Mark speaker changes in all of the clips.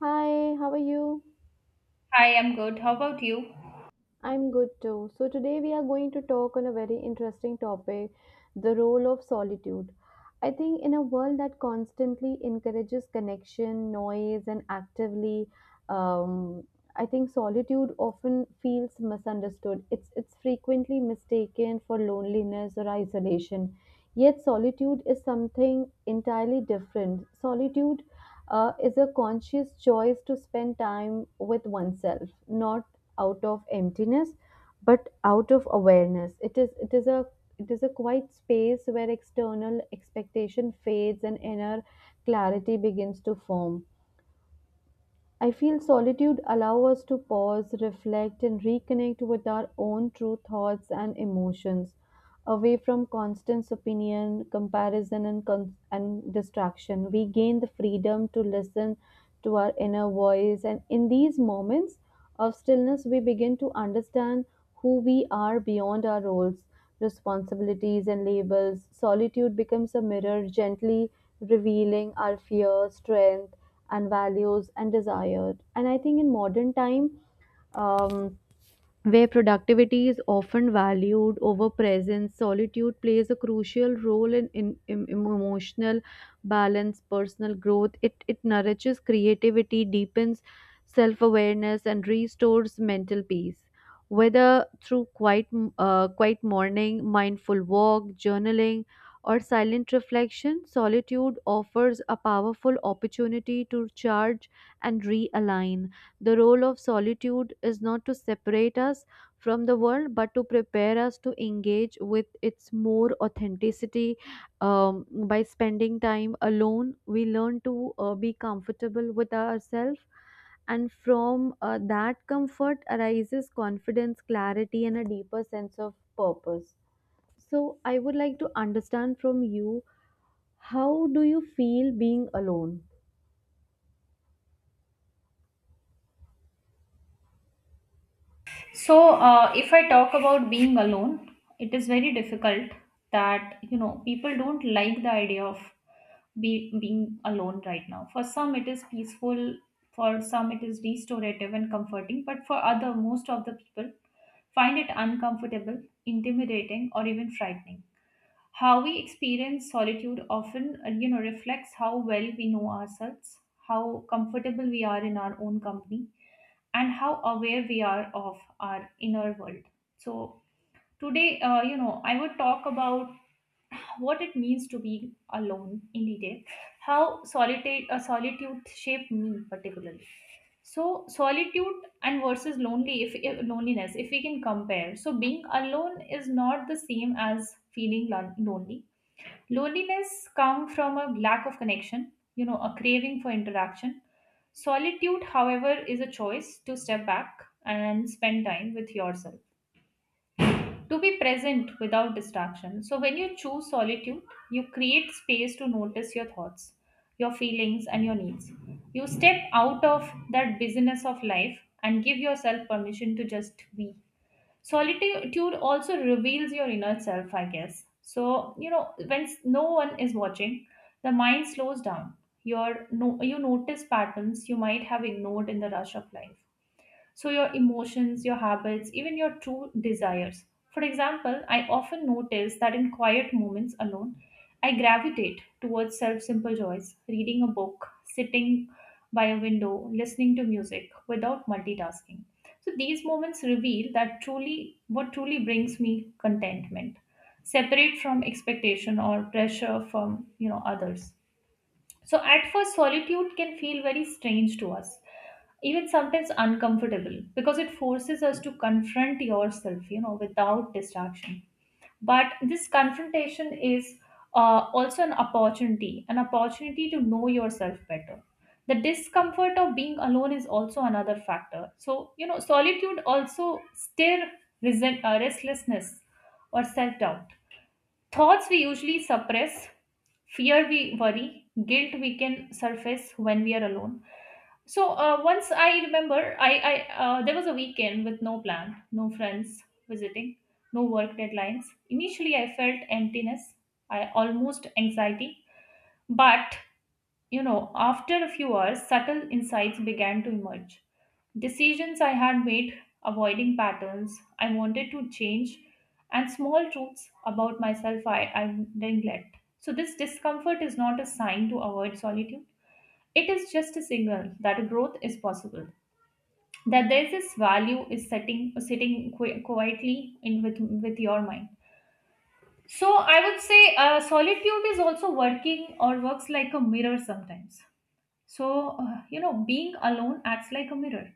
Speaker 1: Hi, how are you?
Speaker 2: I am good. How about you?
Speaker 1: I'm good too. So, today we are going to talk on a very interesting topic, the role of solitude. I think in a world that constantly encourages connection, noise, and actively, um, I think solitude often feels misunderstood. It's frequently mistaken for loneliness or isolation. Yet, solitude is something entirely different. Solitude is a conscious choice to spend time with oneself, not out of emptiness, but out of awareness. It is a quiet space where external expectation fades and inner clarity begins to form. I feel solitude allows us to pause, reflect, and reconnect with our own true thoughts and emotions, away from constant opinion, comparison, and distraction. We gain the freedom to listen to our inner voice, and in these moments of stillness, we begin to understand who we are beyond our roles, responsibilities, and labels. Solitude becomes a mirror, gently revealing our fears, strength, and values and desire. And I think in modern time, um, where productivity is often valued over presence, solitude plays a crucial role in emotional balance, personal growth. It nourishes creativity, deepens self awareness, and restores mental peace. Whether through quiet morning, mindful walk, journaling, or silent reflection, solitude offers a powerful opportunity to charge and realign. The role of solitude is not to separate us from the world, but to prepare us to engage with its more authenticity. By spending time alone, we learn to be comfortable with ourselves, and from that comfort arises confidence, clarity, and a deeper sense of purpose. So, I would like to understand from you, how do you feel being alone?
Speaker 2: So, if I talk about being alone, it is very difficult that, you know, people don't like the idea of being alone right now. For some, it is peaceful. For some, it is restorative and comforting. But for other, most of the people find it uncomfortable, intimidating, or even frightening. How we experience solitude often, you know, reflects how well we know ourselves, how comfortable we are in our own company and how aware we are of our inner world. So, today, you know, I would talk about what it means to be alone in detail, how solitude, solitude shaped me particularly. So, solitude and versus lonely, if loneliness, if we can compare. So, being alone is not the same as feeling lonely. Loneliness comes from a lack of connection, you know, a craving for interaction. Solitude, however, is a choice to step back and spend time with yourself, to be present without distraction. So, when you choose solitude, you create space to notice your thoughts, your feelings, and your needs. You step out of that busyness of life and give yourself permission to just be. Solitude also reveals your inner self, I guess. So, you know, when no one is watching, the mind slows down. Your no, You notice patterns you might have ignored in the rush of life, so your emotions, your habits, even your true desires. For example, I often notice that in quiet moments alone, I gravitate towards self simple joys, reading a book, sitting by a window, listening to music without multitasking. So these moments reveal that truly what truly brings me contentment, separate from expectation or pressure from, you know, others. So at first solitude can feel very strange to us, even sometimes uncomfortable because it forces us to confront yourself, you know, without distraction. But this confrontation is, also an opportunity, an opportunity to know yourself better. The discomfort of being alone is also another factor. So, you know, solitude also stir restlessness or self-doubt. Thoughts we usually suppress, fear we worry, guilt we can surface when we are alone. So, once I remember, I there was a weekend with no plan, no friends visiting, no work deadlines. Initially, I felt emptiness, I almost anxiety, but you know, after a few hours, subtle insights began to emerge. Decisions I had made, avoiding patterns I wanted to change, and small truths about myself I neglect. So this discomfort is not a sign to avoid solitude, it is just a signal that growth is possible, that there is this value is setting, sitting quietly in with your mind. So I would say, solitude is also working or works like a mirror sometimes. So, you know, being alone acts like a mirror.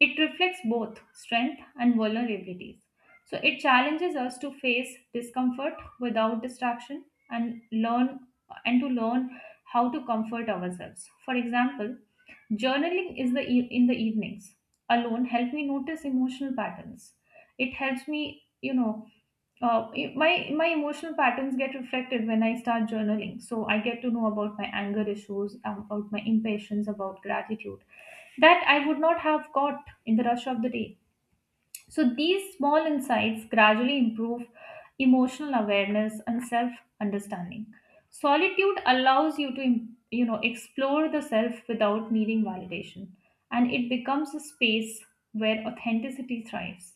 Speaker 2: It reflects both strength and vulnerabilities. So it challenges us to face discomfort without distraction and learn and to learn how to comfort ourselves. For example, journaling is the in the evenings alone help me notice emotional patterns. It helps me, you know, my emotional patterns get reflected when I start journaling. So I get to know about my anger issues, about my impatience, about gratitude that I would not have got in the rush of the day. So these small insights gradually improve emotional awareness and self understanding. Solitude allows you to, you know, explore the self without needing validation, and it becomes a space where authenticity thrives.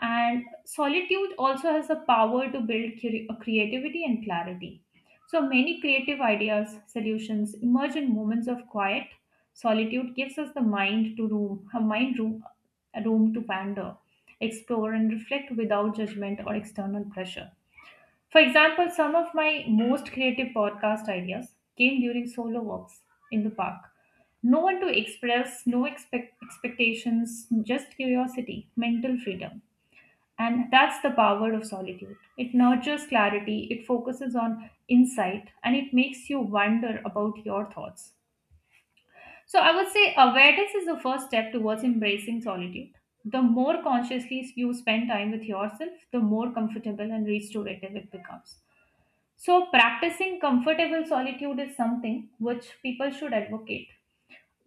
Speaker 2: And solitude also has the power to build creativity and clarity. So many creative ideas, solutions emerge in moments of quiet. Solitude gives us the mind to room, a mind room, a room to wander, explore and reflect without judgment or external pressure. For example, some of my most creative podcast ideas came during solo walks in the park. No one to express, no expectations, just curiosity, mental freedom. And that's the power of solitude. It nurtures clarity, it focuses on insight, and it makes you wonder about your thoughts. So, I would say awareness is the first step towards embracing solitude. The more consciously you spend time with yourself, the more comfortable and restorative it becomes. So, practicing comfortable solitude is something which people should advocate.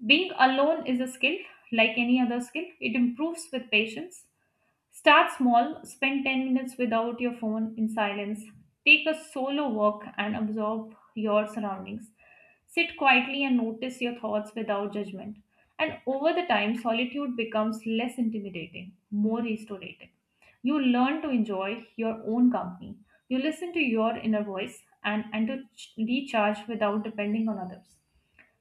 Speaker 2: Being alone is a skill, like any other skill, it improves with patience. Start small, spend 10 minutes without your phone in silence, take a solo walk and absorb your surroundings. Sit quietly and notice your thoughts without judgment. And over the time, solitude becomes less intimidating, more restorative. You learn to enjoy your own company. You listen to your inner voice and, recharge without depending on others.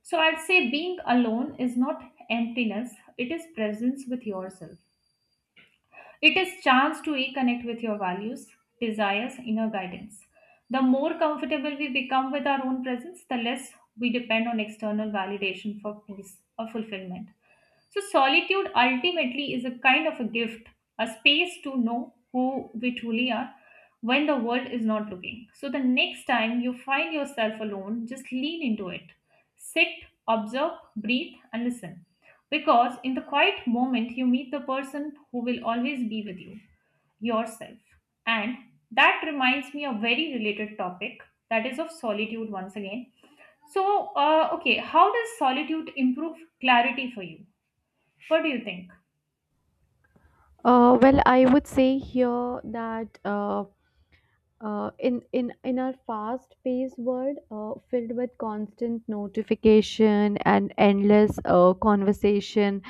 Speaker 2: So I'd say being alone is not emptiness, it is presence with yourself. It is chance to reconnect with your values, desires, inner guidance. The more comfortable we become with our own presence, the less we depend on external validation for peace or fulfillment. So, solitude ultimately is a kind of a gift, a space to know who we truly are when the world is not looking. So, the next time you find yourself alone, just lean into it. Sit, observe, breathe, and listen. Because in the quiet moment, you meet the person who will always be with you, yourself. And that reminds me of very related topic, that is of solitude once again. So, okay, how does solitude improve clarity for you? What do you think?
Speaker 1: Well, I would say here that. In our fast-paced world, filled with constant notification and endless conversation,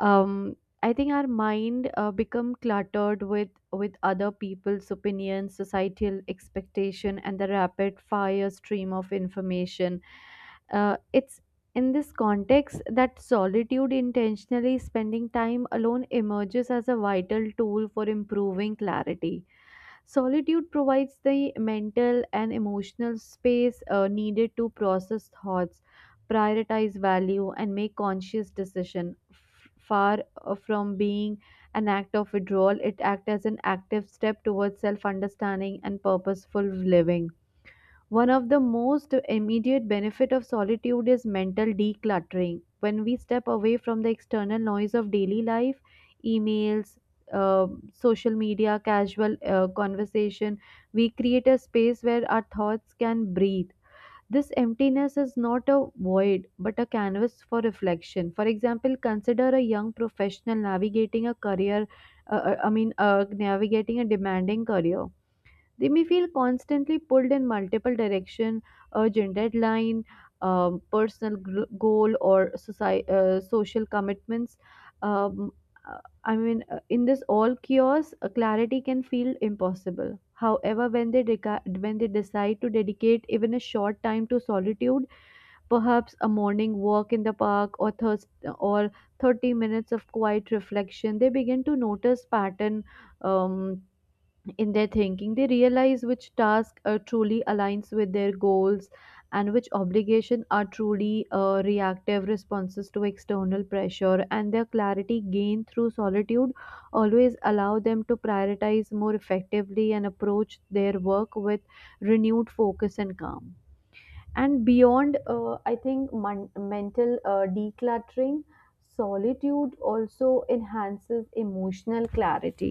Speaker 1: um, I think our mind become cluttered with other people's opinions, societal expectation, and the rapid fire stream of information. It's in this context that solitude intentionally spending time alone emerges as a vital tool for improving clarity. Solitude provides the mental and emotional space needed to process thoughts, prioritize value, and make conscious decision. Far from being an act of withdrawal, it acts as an active step towards self-understanding and purposeful living. One of the most immediate benefit of solitude is mental decluttering. When we step away from the external noise of daily life, emails, social media, casual conversation, we create a space where our thoughts can breathe. This emptiness is not a void but a canvas for reflection. For example, consider a young professional navigating a demanding career. They may feel constantly pulled in multiple direction, urgent deadline, personal goal or social commitments. Um, uh, I mean, in this all chaos, clarity can feel impossible. However, when they decide to dedicate even a short time to solitude, perhaps a morning walk in the park or thirst or 30 minutes of quiet reflection, they begin to notice pattern um, in their thinking. They realize which task truly aligns with their goals, and which obligation are truly reactive responses to external pressure, and their clarity gained through solitude always allow them to prioritize more effectively and approach their work with renewed focus and calm. And beyond, I think mental decluttering, solitude also enhances emotional clarity.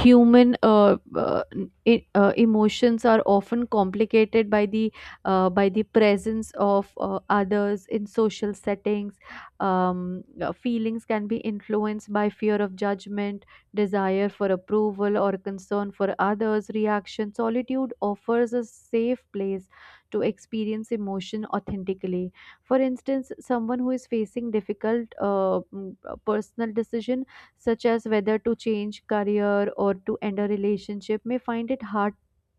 Speaker 1: Human emotions are often complicated by the presence of others in social settings. Feelings can be influenced by fear of judgment, desire for approval, or concern for others reaction. Solitude offers a safe place to experience emotion authentically. For instance, someone who is facing difficult personal decision, such as whether to change career or to end a relationship, may find it hard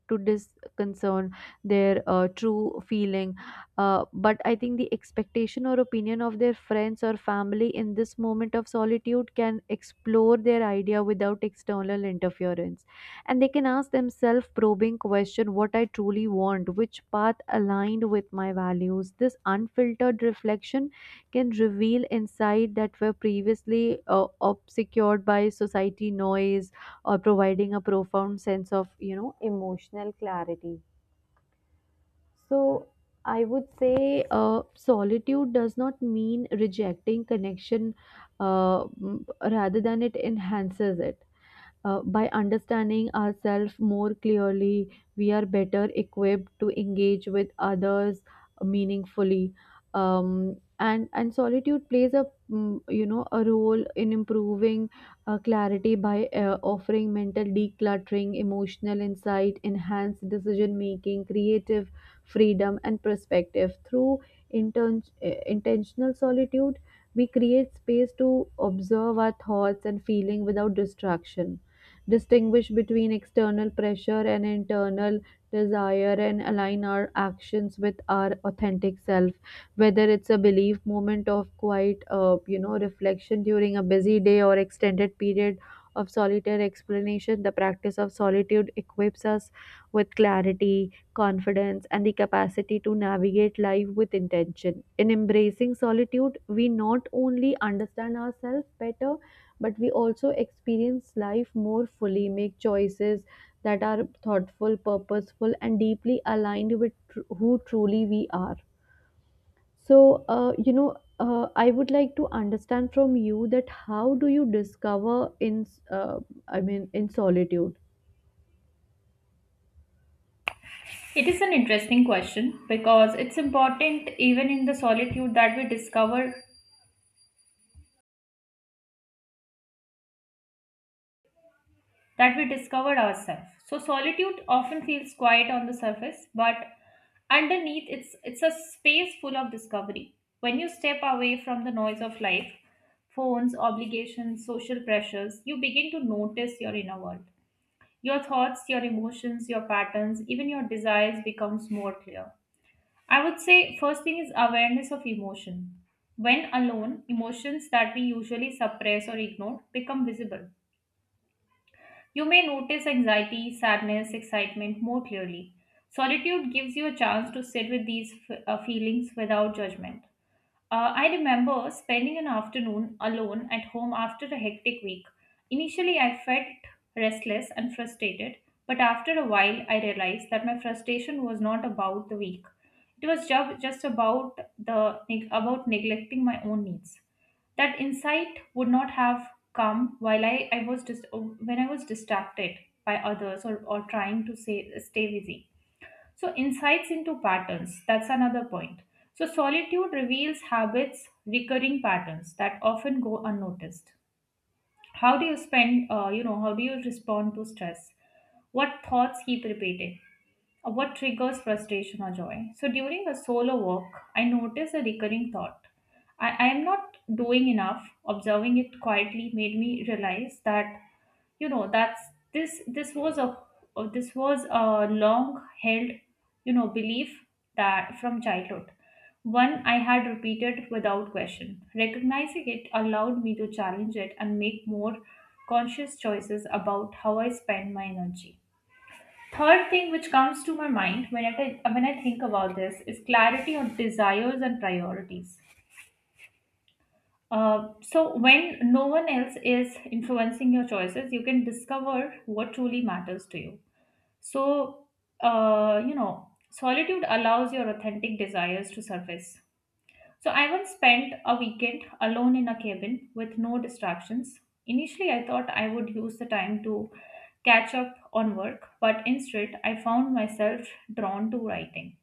Speaker 1: to disconcern their true feeling. But I think the expectation or opinion of their friends or family in this moment of solitude can explore their idea without external interference, and they can ask themselves probing question: what I truly want, which path aligned with my values. This unfiltered reflection can reveal insight that were previously obscured by society noise, or providing a profound sense of emotional clarity. So I would say solitude does not mean rejecting connection. Uh, m- rather than it enhances it by understanding ourselves more clearly, we are better equipped to engage with others meaningfully. And solitude plays a mm, you know a role in improving clarity by offering mental decluttering, emotional insight, enhanced decision making, creative freedom, and perspective. Through intentional solitude, we create space to observe our thoughts and feeling without distraction, distinguish between external pressure and internal desire, and align our actions with our authentic self. Whether it's a belief moment of quiet reflection during a busy day or extended period of solitary explanation, the practice of solitude equips us with clarity, confidence, and the capacity to navigate life with intention. In embracing solitude, we not only understand ourselves better but we also experience life more fully, make choices that are thoughtful, purposeful, and deeply aligned with who truly we are. So, I would like to understand from you that how do you discover in, s- uh, in solitude?
Speaker 2: It is an interesting question because it's important even in the solitude that we discover, that we discover ourselves. So solitude often feels quiet on the surface, but underneath it's a space full of discovery. When you step away from the noise of life, phones, obligations, social pressures, you begin to notice your inner world. Your thoughts, your emotions, your patterns, even your desires becomes more clear. I would say first thing is awareness of emotion. When alone, emotions that we usually suppress or ignore become visible. You may notice anxiety, sadness, excitement more clearly. Solitude gives you a chance to sit with these feelings without judgment. I remember spending an afternoon alone at home after a hectic week. Initially, I felt restless and frustrated, but after a while, I realized that my frustration was not about the week. It was just about the about neglecting my own needs. That insight would not have come while when I was distracted by others, or trying to say, stay busy. So, insights into patterns, that's another point. So, solitude reveals habits, recurring patterns that often go unnoticed. How do you spend, you know, how do you respond to stress? What thoughts keep repeating? What triggers frustration or joy? So during a solo walk, I noticed a recurring thought. I am not doing enough. Observing it quietly made me realize that, you know, that's this was a, this was a long held, you know, belief that from childhood one I had repeated without question. Recognizing it allowed me to challenge it and make more conscious choices about how I spend my energy. Third thing which comes to my mind when when I think about this is clarity on desires and priorities. So, when no one else is influencing your choices, you can discover what truly matters to you. So, you know, solitude allows your authentic desires to surface. So I once spent a weekend alone in a cabin with no distractions. Initially, I thought I would use the time to catch up on work, but instead, I found myself drawn to writing,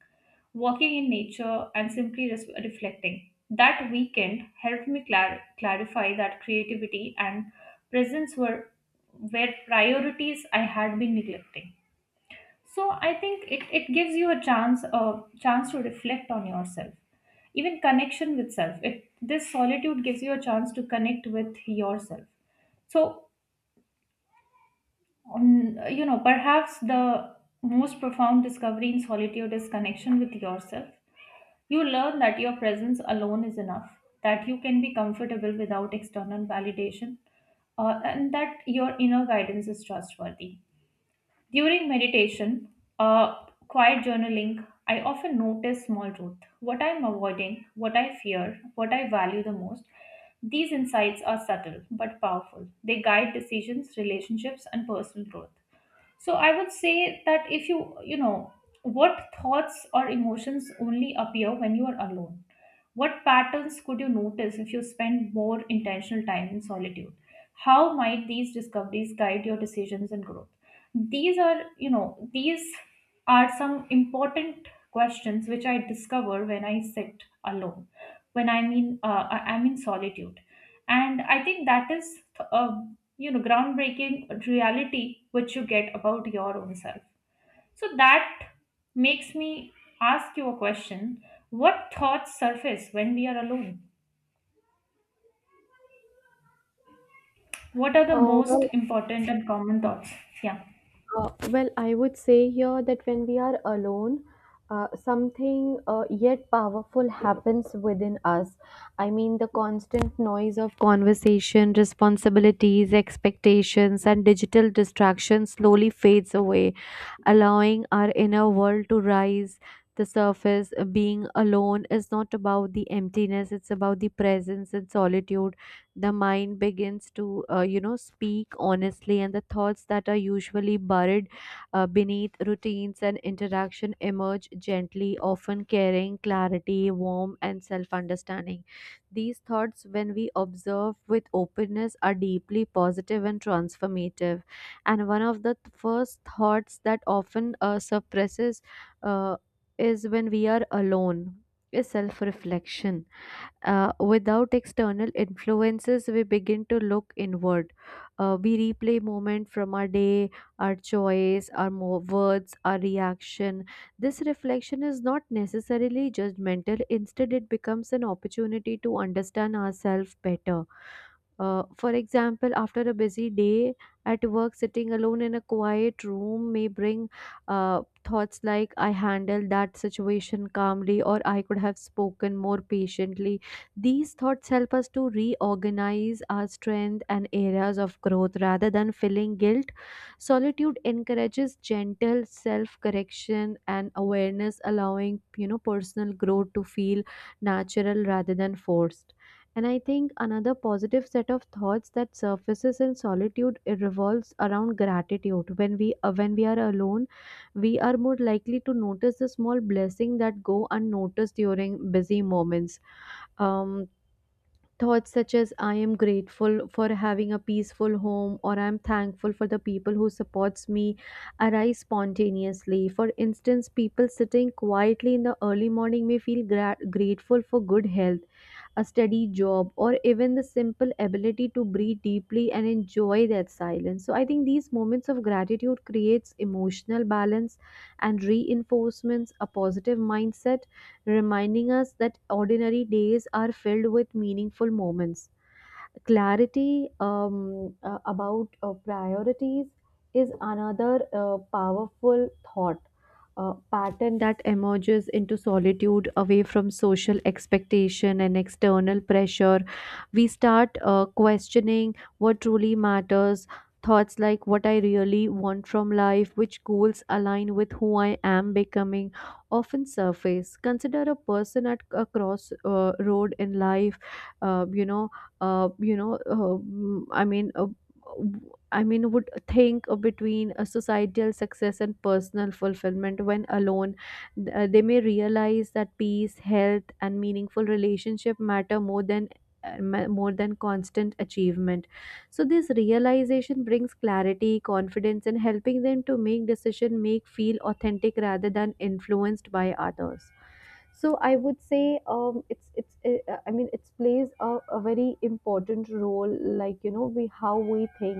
Speaker 2: walking in nature, and simply reflecting. That weekend helped me clarify that creativity and presence were priorities I had been neglecting. So I think it gives you a chance, a chance to reflect on yourself, even connection with self. It, this solitude gives you a chance to connect with yourself. So, you know, perhaps the most profound discovery in solitude is connection with yourself. You learn that your presence alone is enough, that you can be comfortable without external validation, and that your inner guidance is trustworthy. During meditation or quiet journaling, I often notice small truth, what I am avoiding, what I fear, what I value the most. These insights are subtle but powerful. They guide decisions, relationships, and personal growth. So I would say that if you, you know, what thoughts or emotions only appear when you are alone? What patterns could you notice if you spend more intentional time in solitude? How might these discoveries guide your decisions and growth? These are, these are some important questions which I discover when I sit alone, when I mean I'm in solitude, and I think that is a groundbreaking reality which you get about your own self. So that makes me ask you a question: What thoughts surface when we are alone? What are the
Speaker 1: Uh,
Speaker 2: most
Speaker 1: well,
Speaker 2: important and common thoughts? Yeah.
Speaker 1: well, I would say here that when we are alone, something yet powerful happens within us. I mean, the constant noise of conversation, responsibilities, expectations, and digital distractions slowly fades away, allowing our inner world to rise the surface. Being alone is not about the emptiness, it's about the presence and solitude. The mind begins to speak honestly, and the thoughts that are usually buried beneath routines and interaction emerge gently, often carrying clarity, warmth, and self understanding. These thoughts, when we observe with openness, are deeply positive and transformative. And one of the first thoughts that often suppresses uh, is when we are alone, is self-reflection. Without external influences, we begin to look inward. We replay moment from our day, our choice, our words, our reaction. This reflection is not necessarily judgmental. Instead, it becomes an opportunity to understand ourselves better. For example, after a busy day at work, sitting alone in a quiet room may bring thoughts like, I handled that situation calmly, or I could have spoken more patiently. These thoughts help us to reorganize our strength and areas of growth rather than feeling guilt. Solitude encourages gentle self correction and awareness, allowing personal growth to feel natural rather than forced. And I think another positive set of thoughts that surfaces in solitude it revolves around gratitude. When we are alone, we are more likely to notice the small blessing that go unnoticed during busy moments. Um, Thoughts such as I am grateful for having a peaceful home or I am thankful for the people who supports me arise spontaneously. For instance, people sitting quietly in the early morning may feel grateful for good health, a steady job, or even the simple ability to breathe deeply and enjoy that silence. So I think these moments of gratitude creates emotional balance and reinforcements a positive mindset, reminding us that ordinary days are filled with meaningful moments. Clarity about priorities is another powerful thought pattern that emerges into solitude, away from social expectation and external pressure. We start questioning what truly matters. Thoughts like what I really want from life, which goals align with who I am becoming, often surface. Consider a person at a crossroad, road in life. Uh, you know you know I mean I mean, would think between a societal success and personal fulfillment when alone. They may realize that peace, health, and meaningful relationship matter more than constant achievement. So this realization brings clarity, confidence, and helping them to make decision, make feel authentic rather than influenced by others. So I would say it's I mean it plays a very important role, like we how we think.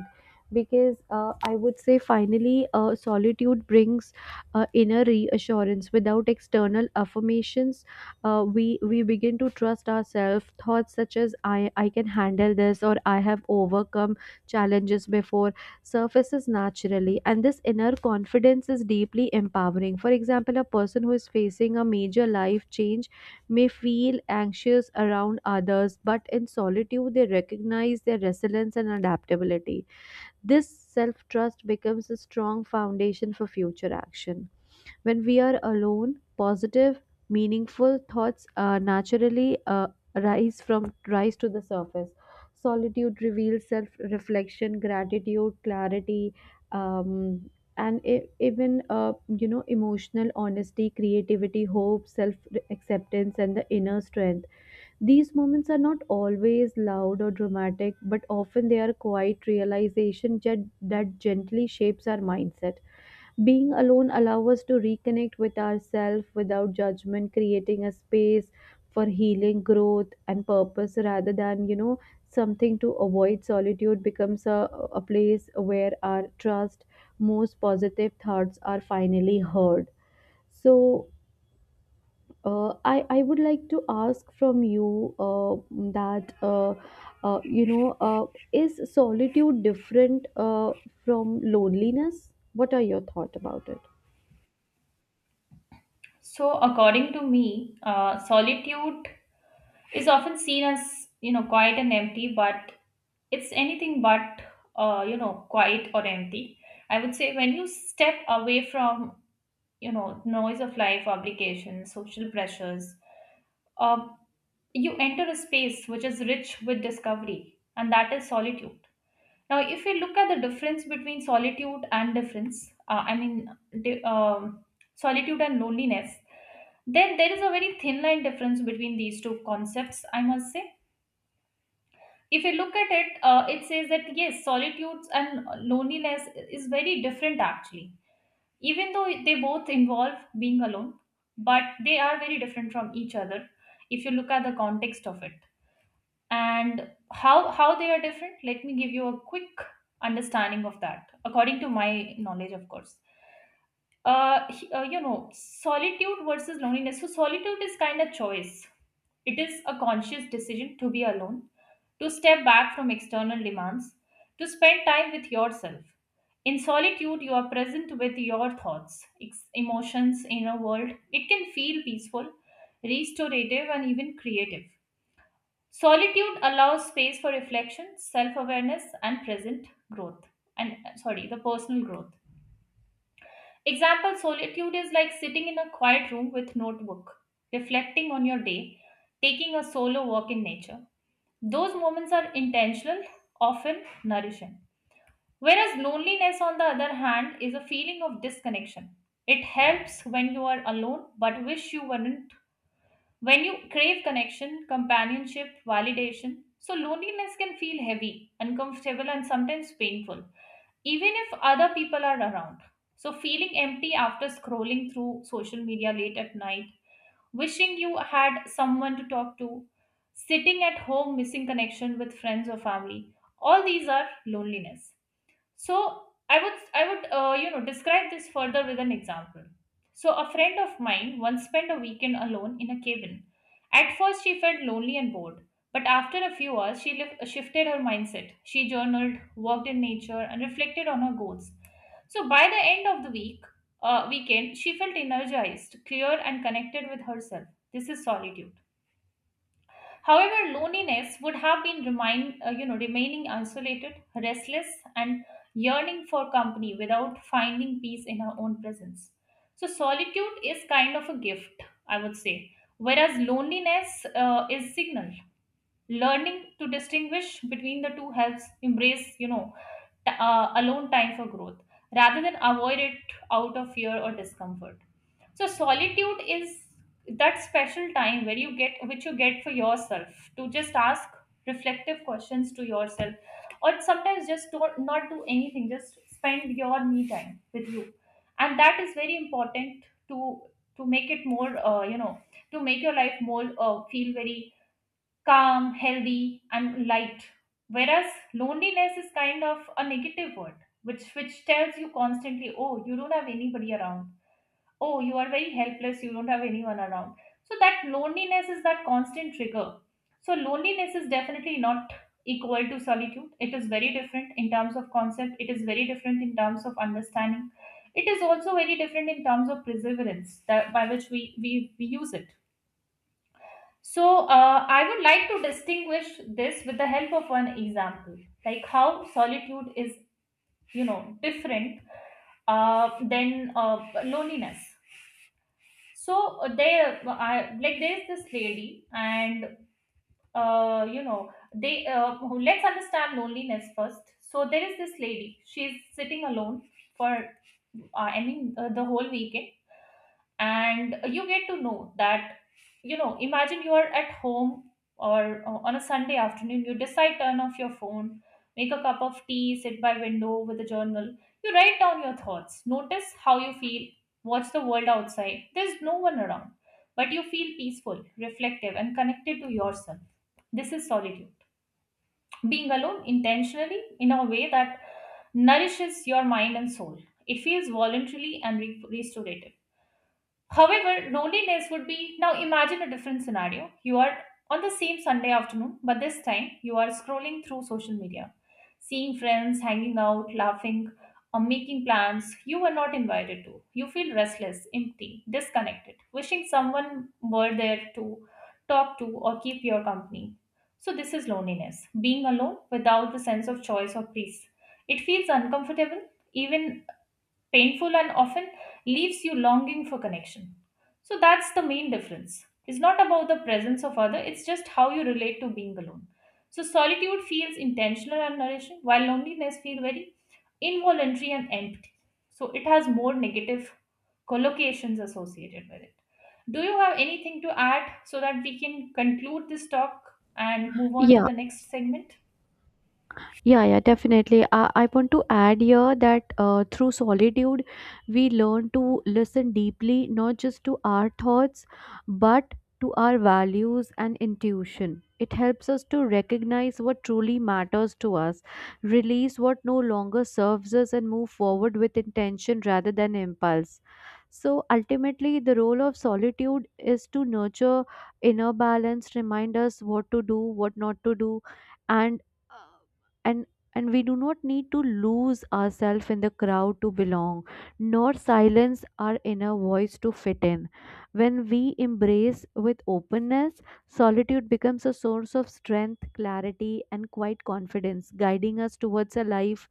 Speaker 1: Because I would say finally solitude brings inner reassurance without external affirmations. We begin to trust ourselves, thoughts such as I can handle this or I have overcome challenges before surfaces naturally. And this inner confidence is deeply empowering. For example, a person who is facing a major life change may feel anxious around others, but in solitude they recognize their resilience and adaptability. This self trust becomes a strong foundation for future action. When we are alone, positive, meaningful thoughts naturally rise to the surface. Solitude reveals self-reflection, gratitude, clarity, um, and even emotional honesty, creativity, hope, self-acceptance, and the inner strength. These moments are not always loud or dramatic, but often they are quiet realization that gently shapes our mindset. Being alone allows us to reconnect with ourselves without judgment, creating a space for healing, growth, and purpose rather than something to avoid. Solitude becomes a place where our trust, most positive thoughts are finally heard. So, I would like to ask from you that, uh, uh, you know, uh, is solitude different from loneliness? What are your thoughts about it?
Speaker 2: So according to me, solitude is often seen as quiet and empty, but it's anything but quiet or empty. I would say when you step away from noise of life, obligations, social pressures, uh, you enter a space which is rich with discovery, and that is solitude. Now if we look at the difference between solitude and difference, I mean, di- um, solitude and loneliness, then there is a very thin line difference between these two concepts, I must say. If you look at it, it says that yes, solitude and loneliness is very different actually. Even though they both involve being alone, but they are very different from each other if you look at the context of it. And how they are different, let me give you a quick understanding of that, according to my knowledge, of course. You know, solitude versus loneliness. So solitude is kind of choice. It is a conscious decision to be alone, to step back from external demands, to spend time with yourself. In solitude you are present with your thoughts, emotions, inner world. It can feel peaceful, restorative, and even creative. Solitude allows space for reflection, self-awareness, and present growth. And sorry, the personal growth. Example, solitude is like sitting in a quiet room with notebook, reflecting on your day, taking a solo walk in nature. Those moments are intentional, often nourishing. Whereas loneliness, on the other hand, is a feeling of disconnection. It helps when you are alone but wish you weren't. When you crave connection, companionship, validation, so loneliness can feel heavy, uncomfortable, and sometimes painful even if other people are around. So, feeling empty after scrolling through social media late at night, wishing you had someone to talk to, sitting at home missing connection with friends or family, all these are loneliness. So I would you know, describe this further with an example. So a friend of mine once spent a weekend alone in a cabin. At first she felt lonely and bored, but after a few hours she shifted her mindset. She journaled, walked in nature, and reflected on her goals. So by the end of the weekend, she felt energized, clear, and connected with herself. This is solitude. However, loneliness would have been remaining isolated, restless, and yearning for company without finding peace in her own presence. So, solitude is kind of a gift, I would say, whereas loneliness is signal. Learning to distinguish between the two helps embrace, you know, alone time for growth rather than avoid it out of fear or discomfort. So solitude is that special time where you get for yourself to just ask reflective questions to yourself, or sometimes just don't, not do anything, just spend your me time with you. And that is very important to make it more to make your life more feel very calm, healthy, and light. Whereas loneliness is kind of a negative word, which tells you constantly, oh, you don't have anybody around. Oh, you are very helpless. You don't have anyone around. So that loneliness is that constant trigger. So loneliness is definitely not equal to solitude. It is very different in terms of concept. It is very different in terms of understanding. It is also very different in terms of perseverance that by which we use it. So, I would like to distinguish this with the help of one example, like how solitude is, you know, different than loneliness. So there, I, like there's this lady, and let's understand loneliness first. So there is this lady. She's sitting alone for, the whole weekend, and you get to know that, you know, imagine you are at home or on a Sunday afternoon. You decide turn off your phone, make a cup of tea, sit by window with a journal. You write down your thoughts, notice how you feel, watch the world outside. There's no one around, but you feel peaceful, reflective, and connected to yourself. This is solitude, being alone intentionally in a way that nourishes your mind and soul. It feels voluntarily and restorative. However, loneliness would be, now imagine a different scenario. You are on the same Sunday afternoon, but this time you are scrolling through social media, seeing friends hanging out, laughing, or making plans you were not invited to. You feel restless, empty, disconnected, wishing someone were there to talk to or keep your company. So, this is loneliness, being alone without the sense of choice or peace. It feels uncomfortable, even painful, and often leaves you longing for connection. So that's the main difference. It's not about the presence of other, it's just how you relate to being alone. So solitude feels intentional and nourishing, while loneliness feels very involuntary and empty. So it has more negative collocations associated with it. Do you have anything to add so that we can conclude this talk and move on to
Speaker 1: Yeah,
Speaker 2: the next segment?
Speaker 1: yeah, yeah, definitely. I want to add here that through solitude, we learn to listen deeply, not just to our thoughts, but to our values and intuition. It helps us to recognize what truly matters to us, release what no longer serves us, and move forward with intention rather than impulse. So ultimately, the role of solitude is to nurture inner balance, remind us what to do, what not to do, and uh, and and we do not need to lose ourselves in the crowd to belong, nor silence our inner voice to fit in. When we embrace with openness, solitude becomes a source of strength, clarity, and quiet confidence, guiding us towards a life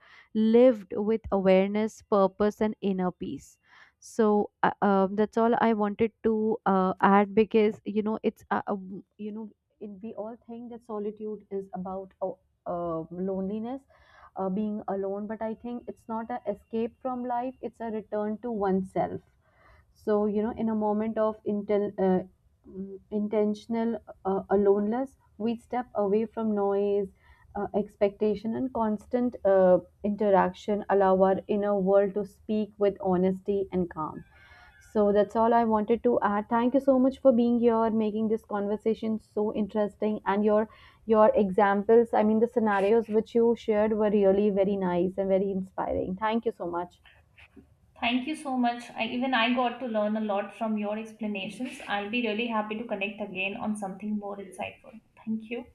Speaker 1: lived with awareness, purpose, and inner peace. So that's all I wanted to add, because it's we all think that solitude is about loneliness, being alone. But I think it's not an escape from life, it's a return to oneself. So, in a moment of intentional aloneness, we step away from noise, expectation, and constant interaction, allow our inner world to speak with honesty and calm. So that's all I wanted to add. Thank you so much for being here, making this conversation so interesting, and your examples, I mean the scenarios which you shared, were really very nice and very inspiring. Thank you so much.
Speaker 2: Thank you so much. I, even I got to learn a lot from your explanations. I'll be really happy to connect again on something more insightful. Thank you.